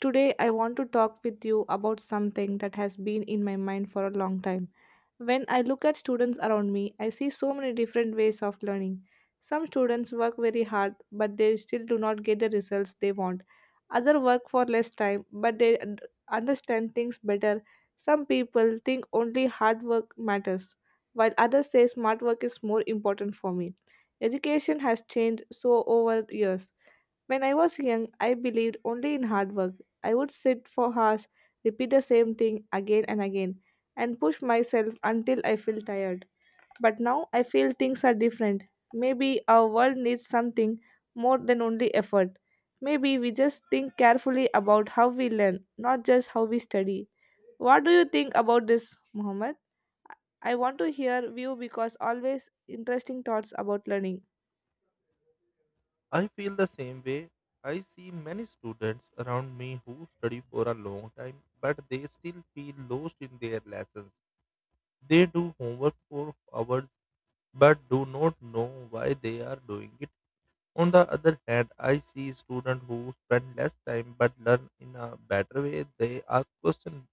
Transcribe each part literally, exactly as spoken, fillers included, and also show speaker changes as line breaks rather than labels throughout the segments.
Today, I want to talk with you about something that has been in my mind for a long time. When I look at students around me, I see so many different ways of learning. Some students work very hard, but they still do not get the results they want. Others work for less time, but they un- understand things better. Some people think only hard work matters, while others say smart work is more important for me. Education has changed so over years. When I was young, I believed only in hard work. I would sit for hours, repeat the same thing again and again, and push myself until I feel tired. But now I feel things are different. Maybe our world needs something more than only effort. Maybe we just think carefully about how we learn, not just how we study. What do you think about this, Mohammed? I want to hear you because always interesting thoughts about learning.
I feel the same way. I see many students around me who study for a long time, but they still feel lost in their lessons. They do homework for hours, but do not know why they are doing it. On the other hand, I see students who spend less time but learn in a better way. They ask questions,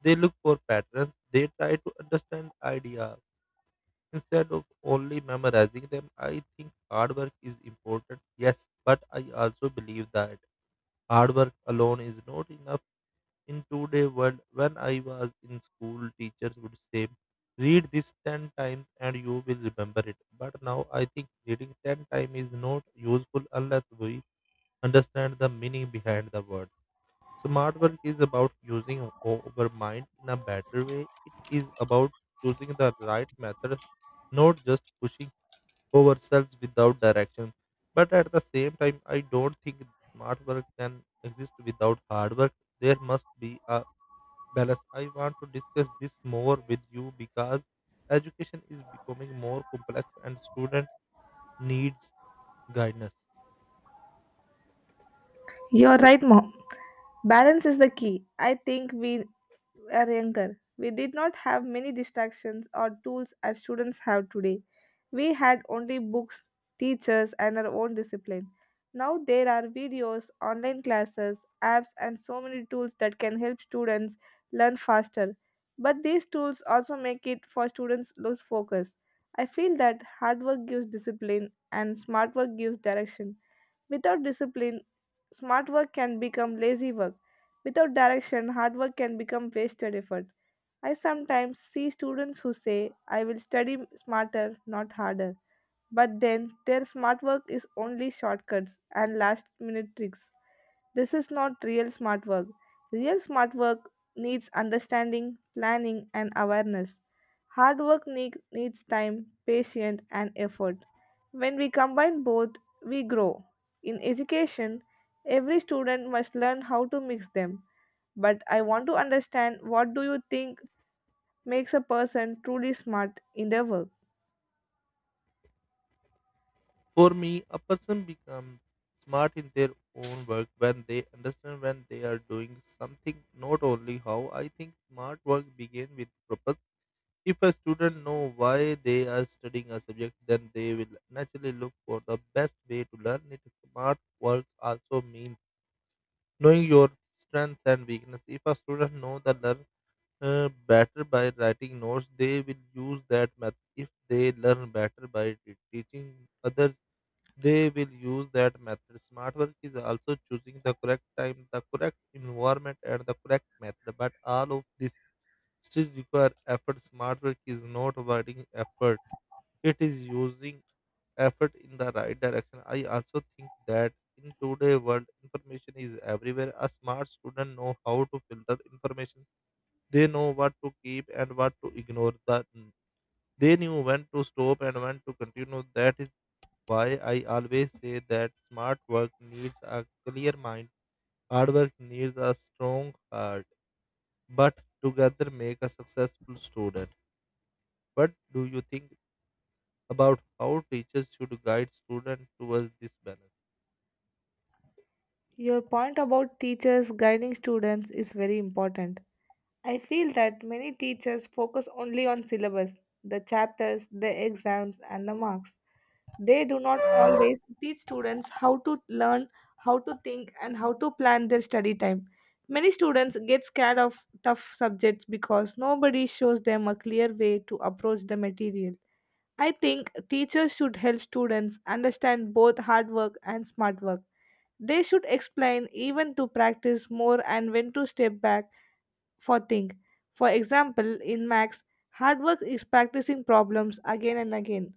they look for patterns, they try to understand ideas instead of only memorizing them. I think hard work is important, yes, but I also believe that hard work alone is not enough in today world. When I was in school, teachers would say read this ten times and you will remember it, but now I think reading ten times is not useful unless we understand the meaning behind the word. Smart work is about using o- our mind in a better way. It is about choosing the right method, not just pushing ourselves without direction. But at the same time, I don't think smart work can exist without hard work. There must be a balance. I want to discuss this more with you because education is becoming more complex and student needs guidance.
You're right, Mom. Balance is the key. I think we were younger, we did not have many distractions or tools as students have today. We had only books, teachers, and our own discipline. Now there are videos, online classes, apps, and so many tools that can help students learn faster. But these tools also make it for students lose focus. I feel that hard work gives discipline and smart work gives direction. Without discipline, smart work can become lazy work. Without direction, hard work can become wasted effort. I sometimes see students who say, I will study smarter, not harder. But then their smart work is only shortcuts and last minute tricks. This is not real smart work. Real smart work needs understanding, planning, and awareness. Hard work need, needs time, patience, and effort. When we combine both, we grow. In education, every student must learn how to mix them, but I want to understand, what do you think makes a person truly smart in their work?
For me, a person becomes smart in their own work when they understand when they are doing something, not only how. I think smart work begins with purpose. If a student know why they are studying a subject, then they will naturally look for the best way to learn it. Smart work also means knowing your strengths and weakness. If a student know the learn uh, better by writing notes, they will use that method. If they learn better by te- teaching others, they will use that method. Smart work is also choosing the correct time, the correct environment, and the correct method. But all of this still require effort. Smart work is not avoiding effort; it is using effort in the right direction. I also think that in today's world, information is everywhere. A smart student know how to filter information. They know what to keep and what to ignore. The they knew when to stop and when to continue. That is why I always say that smart work needs a clear mind, hard work needs a strong heart, but together make a successful student. What do you think about how teachers should guide students towards this balance?
Your point about teachers guiding students is very important. I feel that many teachers focus only on syllabus, the chapters, the exams, and the marks. They do not always teach students how to learn, how to think, and how to plan their study time. Many students get scared of tough subjects because nobody shows them a clear way to approach the material. I think teachers should help students understand both hard work and smart work. They should explain even to practice more and when to step back for think. For example, in max, hard work is practicing problems again and again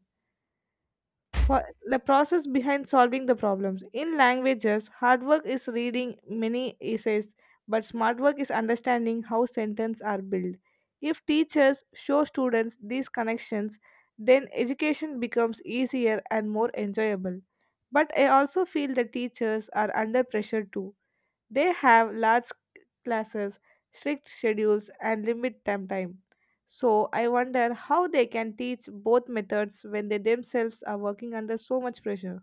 for the process behind solving the problems. In languages, hard work is reading many essays, but smart work is understanding how sentences are built. If teachers show students these connections, then education becomes easier and more enjoyable. But I also feel that teachers are under pressure too. They have large classes, strict schedules, and limit time time. So I wonder how they can teach both methods when they themselves are working under so much pressure.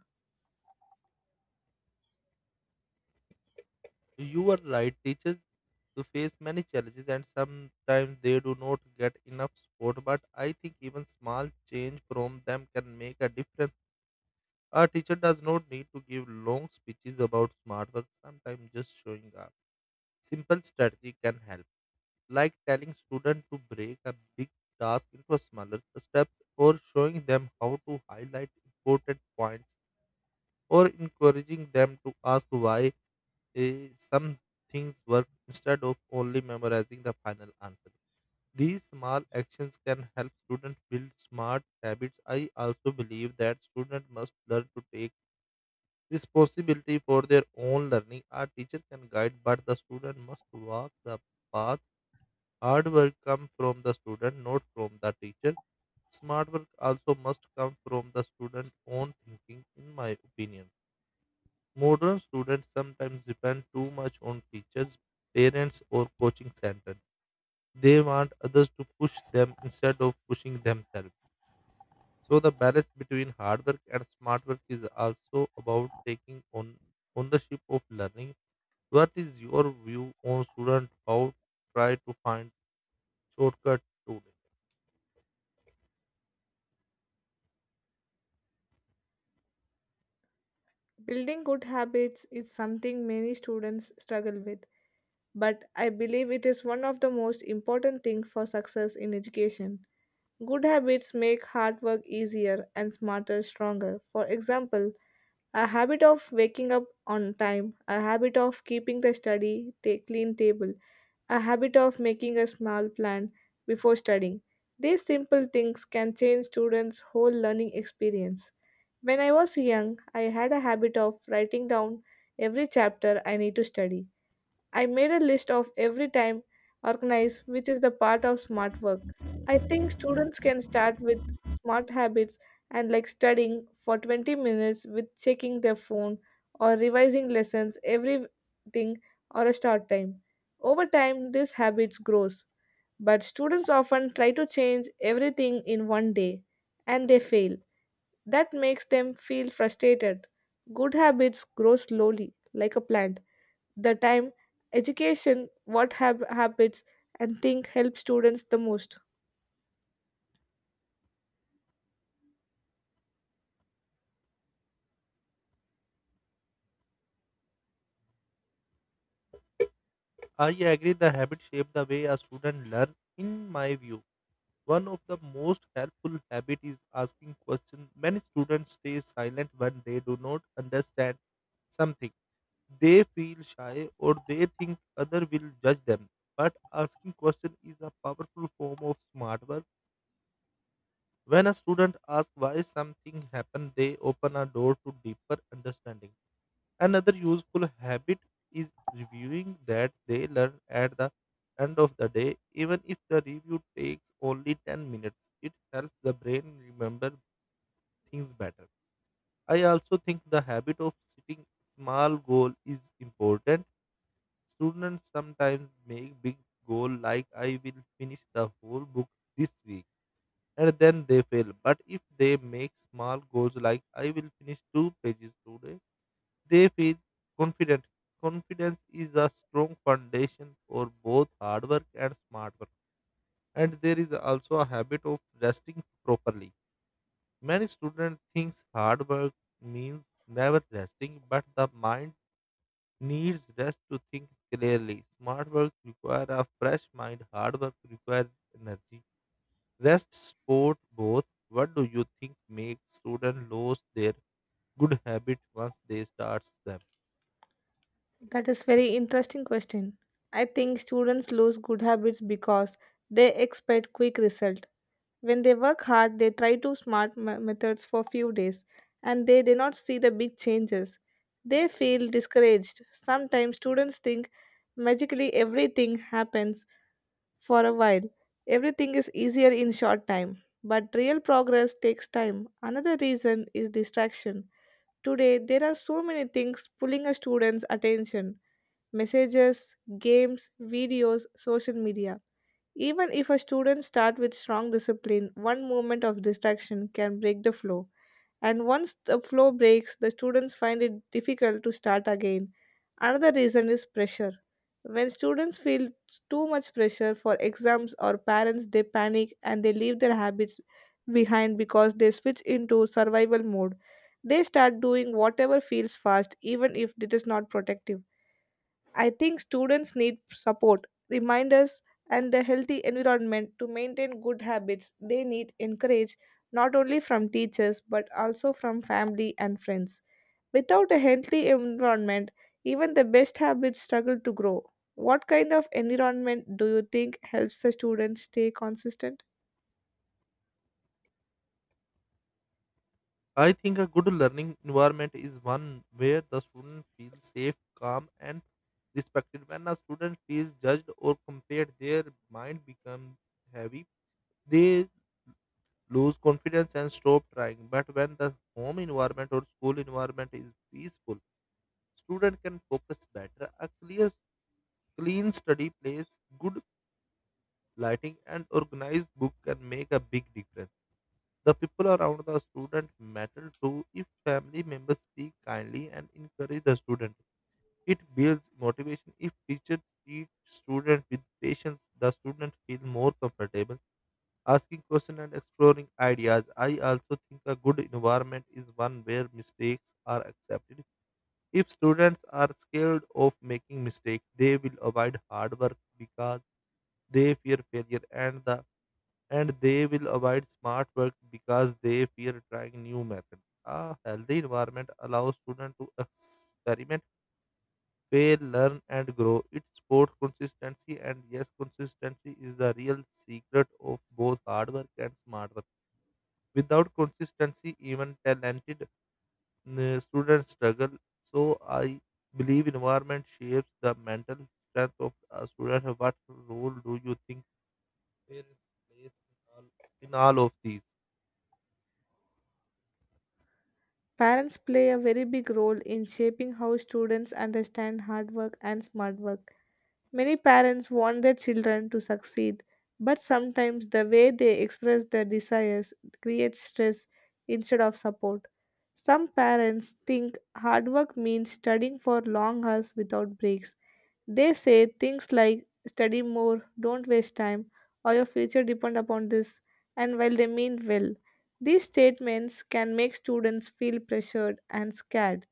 You are right, teachers to face many challenges and sometimes they do not get enough support, but I think even small change from them can make a difference. A teacher does not need to give long speeches about smart work, sometimes just showing up simple strategy can help, like telling students to break a big task into smaller steps or showing them how to highlight important points or encouraging them to ask why eh, some things work instead of only memorizing the final answer. These small actions can help students build smart habits. I also believe that students must learn to take responsibility for their own learning. A teacher can guide, but the student must walk the path. Hard work comes from the student, not from the teacher. Smart work also must come from the student's own thinking, in my opinion. Modern students sometimes depend too much on teachers, parents, or coaching centers. They want others to push them instead of pushing themselves. So, the balance between hard work and smart work is also about taking on ownership of learning. What is your view on students? How try to find shortcut to
Building good habits is something many students struggle with, but I believe it is one of the most important things for success in education. Good habits make hard work easier and smarter stronger. For example, a habit of waking up on time, a habit of keeping the study ta- clean table, a habit of making a small plan before studying. These simple things can change students' whole learning experience. When I was young, I had a habit of writing down every chapter I need to study. I made a list of every time organize, which is the part of smart work. I think students can start with smart habits and like studying for twenty minutes with checking their phone or revising lessons everything or a start time. Over time this habits grows, but students often try to change everything in one day and they fail. That makes them feel frustrated. Good habits grow slowly like a plant the time, education, what hab- habits and think help students the most?
I agree the habit shape the way a student learn. In my view, one of the most helpful habit is asking questions. Many students stay silent when they do not understand something. They feel shy or they think other will judge them. But asking question is a powerful form of smart work. When a student asks why something happened, they open a door to deeper understanding. Another useful habit is reviewing that they learn at the end of the day, even if the review takes only ten minutes. It helps the brain remember things better. I also think the habit of setting small goal is important. Students sometimes make big goal like I will finish the whole book this week and then they fail. But if they make small goals like I will finish two pages today, they feel confident. Confidence is a strong foundation for both hard work and smart work. And there is also a habit of resting properly. Many students think hard work means never resting, but the mind needs rest to think clearly. Smart work requires a fresh mind, hard work requires energy. Rest support both. What do you think makes students lose their good habit once they start them?
That is very interesting question. I think students lose good habits because they expect quick result. When they work hard, they try to smart me- methods for few days and they do not see the big changes. They feel discouraged. Sometimes students think magically everything happens for a while. Everything is easier in short time, but real progress takes time. Another reason is distraction. Today, there are so many things pulling a student's attention, messages, games, videos, social media. Even if a student starts with strong discipline, one moment of distraction can break the flow, and once the flow breaks, the students find it difficult to start again. Another reason is pressure. When students feel too much pressure for exams or parents, they panic and they leave their habits behind because they switch into survival mode. They start doing whatever feels fast, even if it is not protective. I think students need support, reminders, and a healthy environment to maintain good habits. They need encourage not only from teachers but also from family and friends. Without a healthy environment, even the best habits struggle to grow. What kind of environment do you think helps a student stay consistent?
I think a good learning environment is one where the student feels safe, calm, and respected. When a student feels judged or compared, their mind becomes heavy. They lose confidence and stop trying. But when the home environment or school environment is peaceful, student can focus better. A clear, clean study place, good lighting, and organized book can make a big difference. The people around the student matter too. If family members speak kindly and encourage the student, it builds motivation. If teacher treat student with patience, the student feel more comfortable asking questions and exploring ideas. I also think a good environment is one where mistakes are accepted. If students are scared of making mistakes, they will avoid hard work because they fear failure and the and they will avoid smart work because they fear trying new methods. A healthy environment allows students to experiment, fail, learn, and grow. It supports consistency, and yes, consistency is the real secret of both hard work and smart work. Without consistency, even talented mm, students struggle. So, I believe environment shapes the mental strength of a student. What role do you think parents plays in all, in all of these?
Parents play a very big role in shaping how students understand hard work and smart work. Many parents want their children to succeed, but sometimes the way they express their desires creates stress instead of support. Some parents think hard work means studying for long hours without breaks. They say things like study more, don't waste time, or your future depend upon this, and while they mean well, these statements can make students feel pressured and scared.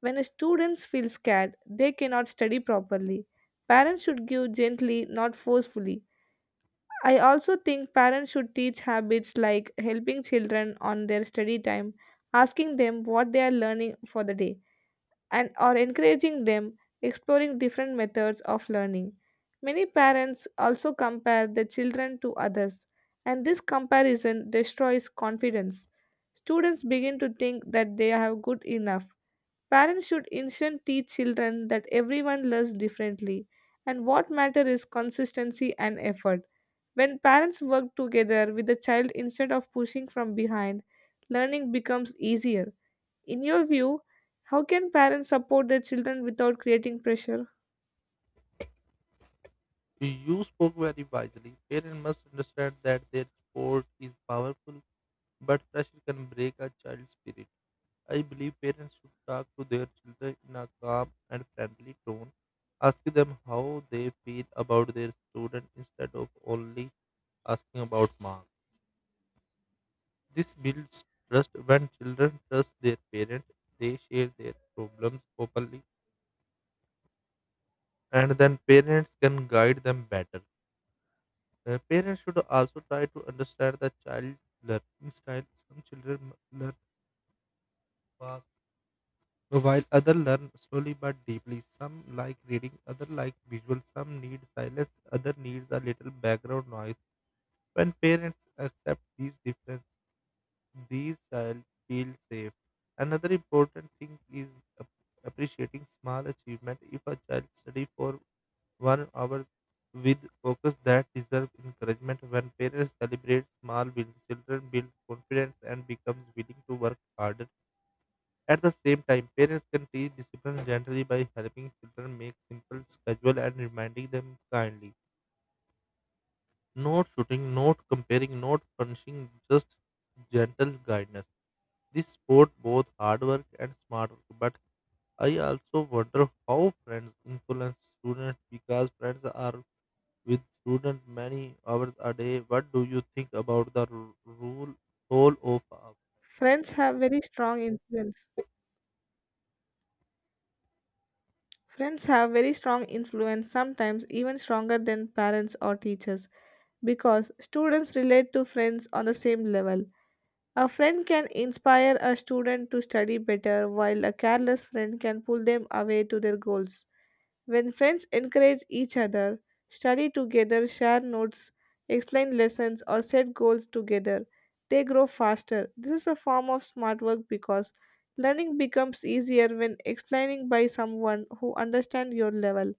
When a students feel scared, they cannot study properly. Parents should give gently, not forcefully. I also think parents should teach habits like helping children on their study time, asking them what they are learning for the day and or encouraging them exploring different methods of learning. Many parents also compare their children to others, and this comparison destroys confidence. Students begin to think that they are good enough. Parents should instead teach children that everyone learns differently, and what matters is consistency and effort. When parents work together with the child instead of pushing from behind, learning becomes easier. In your view, how can parents support their children without creating pressure?
You spoke very wisely. Parents must understand that their sport is powerful, but pressure can break a child's spirit. I believe parents should talk to their children in a calm and friendly tone, ask them how they feel about their student instead of only asking about marks. This builds trust. When children trust their parents, they share their problems openly, and then parents can guide them better. Uh, parents should also try to understand the child learning style. Some children m- learn fast, while others learn slowly but deeply. Some like reading, others like visual. Some need silence, other needs a little background noise. When parents accept these differences, these child feel safe. Another important thing is ap- appreciating small achievement. If a child study for one hour with focus that deserve encouragement, when parents celebrate small wins, children build confidence and becomes willing to work harder. At the same time, parents can teach discipline gently by helping children make simple schedule and reminding them kindly, not shooting, not comparing, not punishing, just gentle guidance. This sport both hard work and smart work, but I also wonder how friends influence students because friends are with students many hours a day. What do you think about the ru- rule role of uh,
Friends have very strong influence. Friends have very strong influence, sometimes even stronger than parents or teachers, because students relate to friends on the same level. A friend can inspire a student to study better, while a careless friend can pull them away to their goals. When friends encourage each other, study together, share notes, explain lessons, or set goals together, they grow faster. This is a form of smart work because learning becomes easier when explaining by someone who understands your level.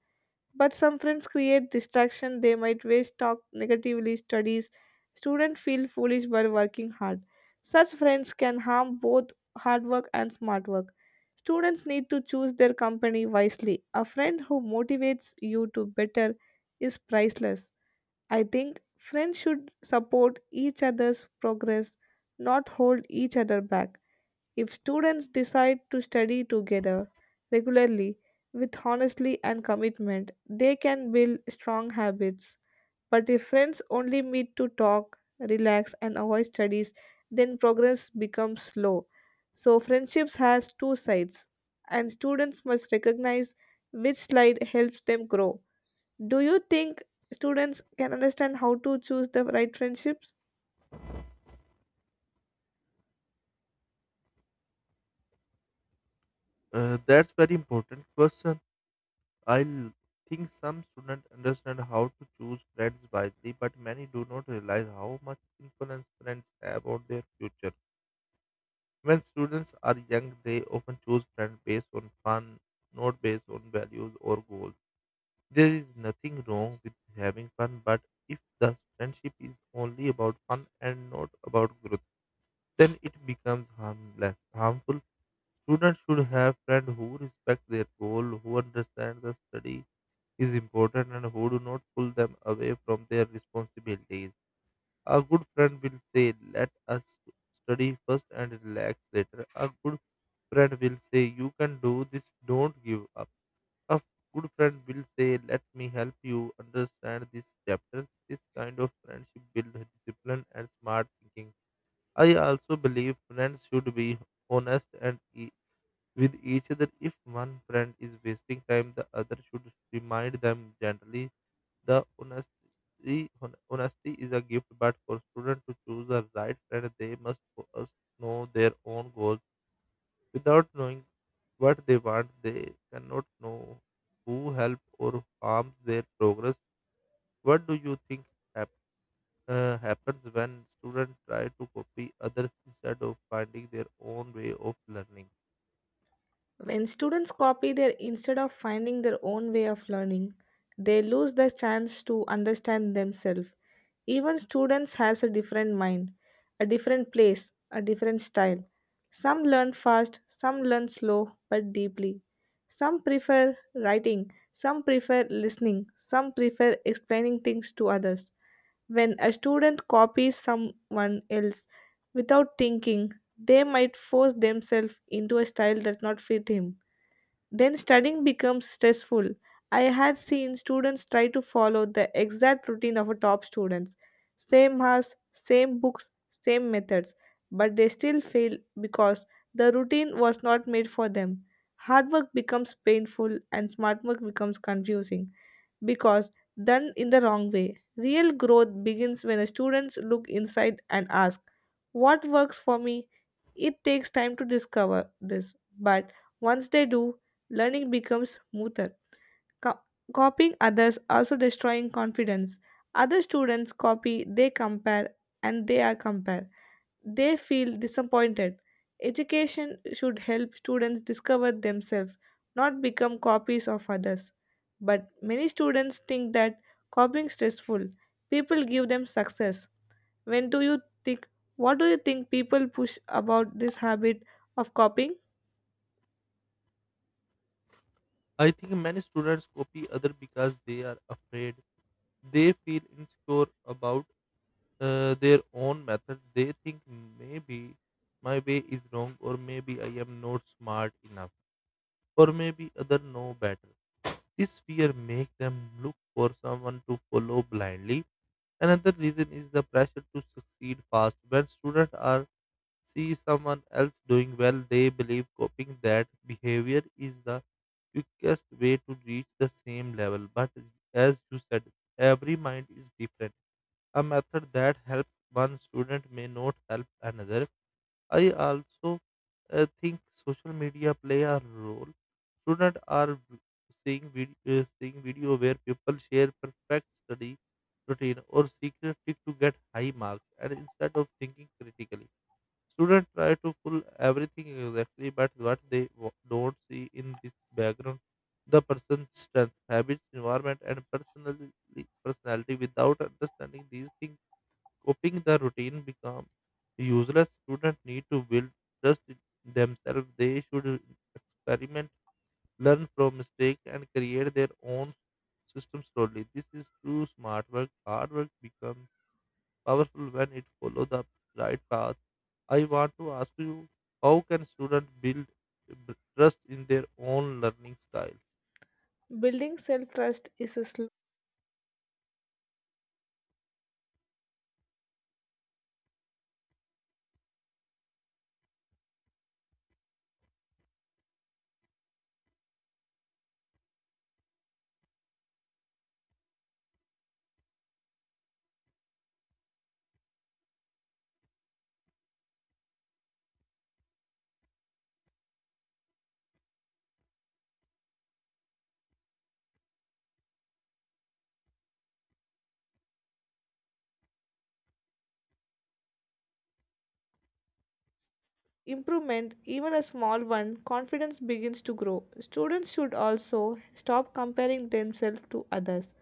But some friends create distraction, they might waste talk negatively studies. Students feel foolish while working hard. Such friends can harm both hard work and smart work. Students need to choose their company wisely. A friend who motivates you to better is priceless. I think friends should support each other's progress, not hold each other back. If students decide to study together regularly with honesty and commitment, they can build strong habits. But if friends only meet to talk, relax, and avoid studies, then progress becomes slow. So friendships has two sides, and students must recognize which slide helps them grow. Do you think students can understand how to choose the right friendships?
uh, that's very important question. I l- think some students understand how to choose friends wisely, but many do not realize how much influence friends have on their future. When students are young, they often choose friends based on fun, not based on values or goals. There is nothing wrong with having fun, but if the friendship is only about fun and not about growth, then it becomes harmless, harmful. Students should have friends who respect their goal, who understand the study is important, and who do not pull them away from their responsibilities. A good friend will say, "Let us study first and relax later." A good friend will say, "You can do this, don't give up." A good friend will say, "Let me help you understand this chapter." This kind of friendship builds discipline and smart thinking. I also believe friends should be honest and e- with each other. If one friend is wasting time, the other should remind them gently the honesty, hon- honesty is a gift, but for students to choose the right friend, they must first know their own goals. Without knowing what they want, they cannot know who help or harms their progress. What do you think hap- uh, happens when students try to copy others instead of finding their own way of learning?
When students copy their instead of finding their own way of learning, they lose the chance to understand themselves. Even students has a different mind, a different place, a different style. Some learn fast, some learn slow but deeply. Some prefer writing, some prefer listening, some prefer explaining things to others. When a student copies someone else without thinking, they might force themselves into a style that not fit him, then studying becomes stressful. I had seen students try to follow the exact routine of a top students. Same hours, same books, same methods, but they still fail because the routine was not made for them. Hard work becomes painful and smart work becomes confusing because done in the wrong way. Real growth begins when students look inside and ask, what works for me? It takes time to discover this, but once they do, learning becomes smoother. Co- Copying others also destroying confidence. Other students copy, they compare, and they are compared. They feel disappointed. Education should help students discover themselves, not become copies of others. But many students think that copying stressful. People give them success. When do you think what do you think people push about this habit of copying?
I think many students copy others because they are afraid. They feel insecure about uh, their own method, they think maybe my way is wrong, or maybe I am not smart enough, or maybe other know better. This fear make them look for someone to follow blindly. Another reason is the pressure to succeed fast. When students are see someone else doing well, they believe copying that behavior is the quickest way to reach the same level. But as you said, every mind is different, a method that helps one student may not help another. I also uh, think social media play a role. Students are v- Seeing video, uh, seeing video where people share perfect study routine or secret trick to get high marks, and instead of thinking critically, students try to pull everything exactly. But what they wa- don't see in this background, the person's strength, habits, environment, and personality, personality. Without understanding these things, coping the routine become useless. Students need to build trust in themselves. They should experiment, learn from mistake, and create their own system slowly. This is true smart work. Hard work becomes powerful when it follow the right path. I want to ask you, how can students build trust in their own learning style?
Building self trust is a slow improvement, even a small one, confidence begins to grow. Students should also stop comparing themselves to others.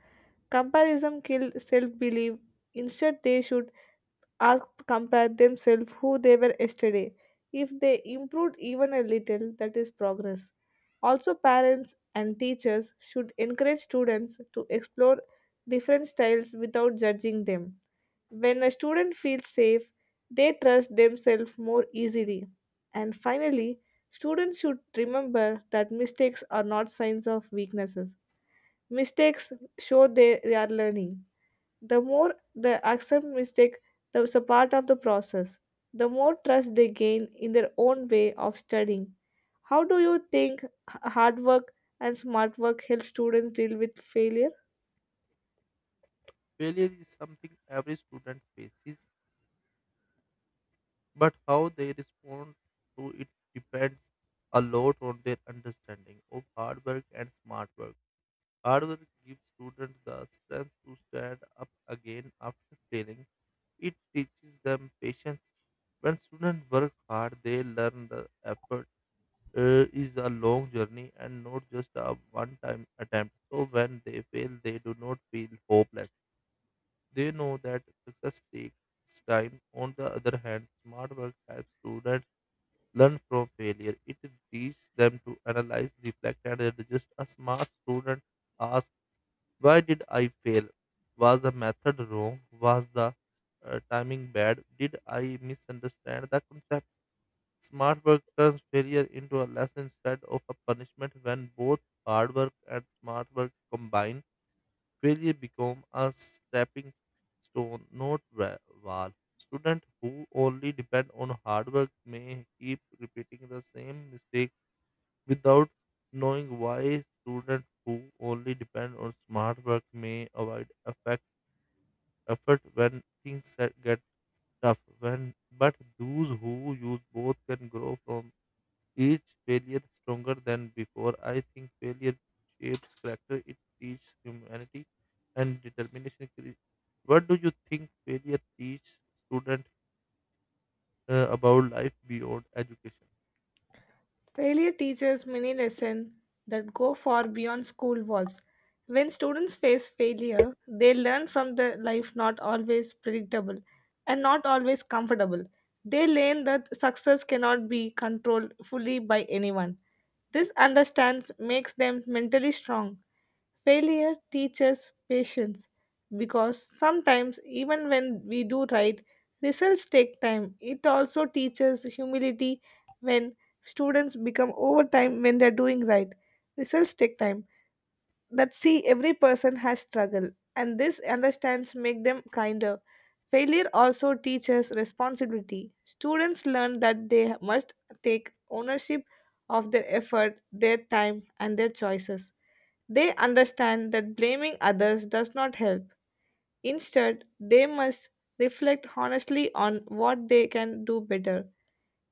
Comparison kills self belief. Instead, they should asked compare themselves who they were yesterday. If they improved even a little, that is progress. Also, parents and teachers should encourage students to explore different styles without judging them. When a student feels safe, they trust themselves more easily. And finally, students should remember that mistakes are not signs of weaknesses. Mistakes show they, they are learning. The more they accept mistake as a part of the process, the more trust they gain in their own way of studying. How do you think h- hard work and smart work help students deal with failure?
Failure is something every student faces, but how they respond to it depends a lot on their understanding of hard work and smart work. Hard work gives students the strength to stand up again after failing. It teaches them patience. When students work hard, they learn the effort uh, is a long journey and not just a one time attempt. So when they fail, they do not feel hopeless. They know that success takes time. On the other hand, smart work helps students learn from failure. It teaches them to analyze, reflect, and adjust. A smart student asks, why did I fail? Was the method wrong? Was the uh, timing bad? Did I misunderstand the concept? Smart work turns failure into a lesson instead of a punishment. When both hard work and smart work combine, failure become a stepping stone, not wa- wall. Students who only depend on hard work may keep repeating the same mistake without knowing why. Students who only depend on smart work may avoid effect, effort when things set- get tough. When but those who use both can grow from each failure stronger than before. I think failure shapes character, it teaches humanity and determination. Cre- What do you think failure teaches students uh, about life beyond education?
Failure teaches many lessons that go far beyond school walls. When students face failure, they learn from the life not always predictable and not always comfortable. They learn that success cannot be controlled fully by anyone. This understands makes them mentally strong. Failure teaches patience because sometimes, even when we do right, results take time. It also teaches humility when students become overtime when they're doing right. Results take time. That see, every person has struggle, and this understands make them kinder. Failure also teaches responsibility. Students learn that they must take ownership of their effort, their time, and their choices. They understand that blaming others does not help. Instead, they must reflect honestly on what they can do better.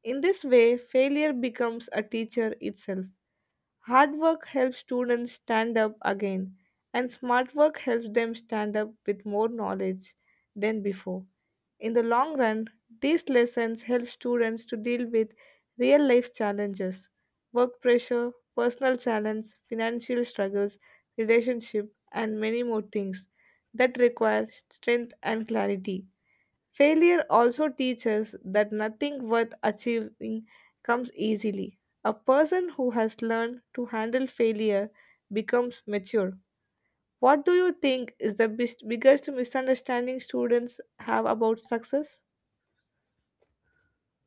In this way, failure becomes a teacher itself. Hard work helps students stand up again, and smart work helps them stand up with more knowledge than before. In the long run, these lessons help students to deal with real life challenges, work pressure, personal challenge, financial struggles, relationship, and many more things that require strength and clarity. Failure also teaches that nothing worth achieving comes easily. A person who has learned to handle failure becomes mature. What do you think is the best, biggest misunderstanding students have about success?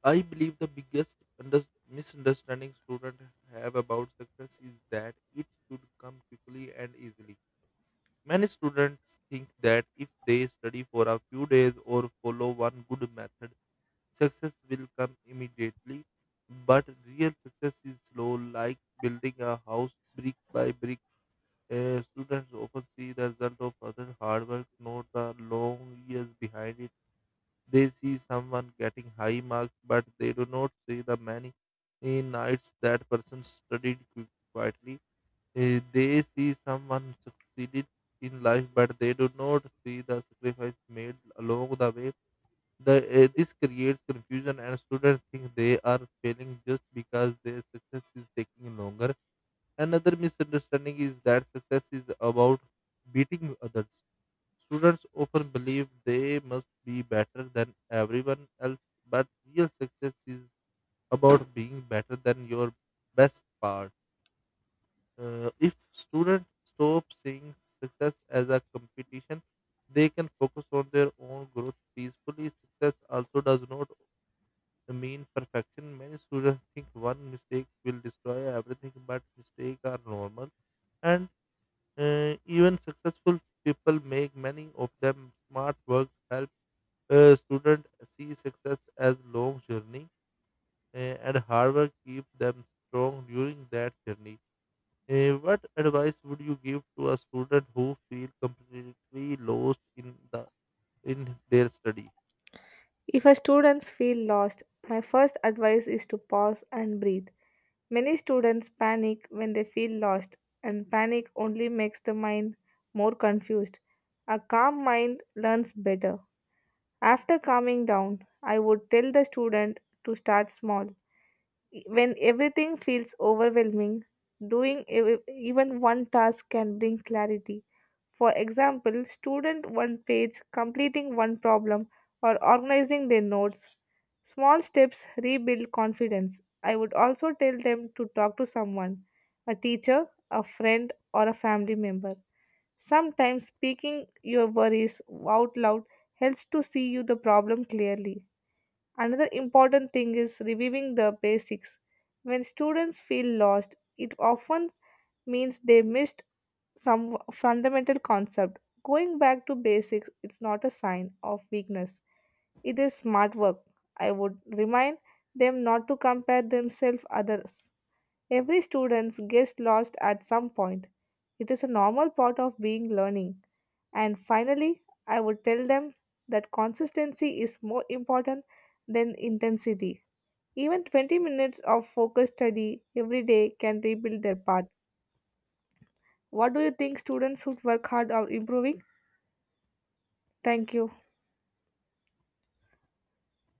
I believe the biggest under- misunderstanding students have about success is that it should come quickly and easily. Many students think that if they study for a few days or follow one good method, success will come immediately, but real success is slow, like building a house brick by brick. Uh, students often see the result of other hard work, not the long years behind it. They see someone getting high marks, but they do not see the many uh, nights that person studied qui- quietly. Uh, they see someone succeeded in life, but they do not see the sacrifice made along the way. The, uh, this creates confusion, and students think they are failing just because their success is taking longer. Another misunderstanding is that success is about beating others. Students often believe they must be better than everyone else, but real success is about being better than your best part. Uh, if students stop seeing success as a competition, they can focus on their own growth peacefully. Success also does not, I mean, perfection. Many students think one mistake will destroy everything, but mistakes are normal. And uh, even successful people make many of them. Smart work help uh, students see success as long journey, uh, and hard work keep them strong during that journey. Uh, what advice would you give to a student who feel completely lost in the in their study?
If a students feel lost, my first advice is to pause and breathe. Many students panic when they feel lost, and panic only makes the mind more confused. A calm mind learns better. After calming down, I would tell the student to start small. When everything feels overwhelming, doing ev- even one task can bring clarity. For example, student one page, completing one problem, or organizing their notes. Small steps rebuild confidence. I would also tell them to talk to someone, a teacher, a friend, or a family member. Sometimes speaking your worries out loud helps to see you the problem clearly. Another important thing is reviewing the basics. When students feel lost, it often means they missed some fundamental concept. Going back to basics is not a sign of weakness. It is smart work. I would remind them not to compare themselves others. Every student gets lost at some point. It is a normal part of being learning. And finally, I would tell them that consistency is more important than intensity. Even twenty minutes of focused study every day can rebuild their path. What do you think students who work hard are improving? Thank you.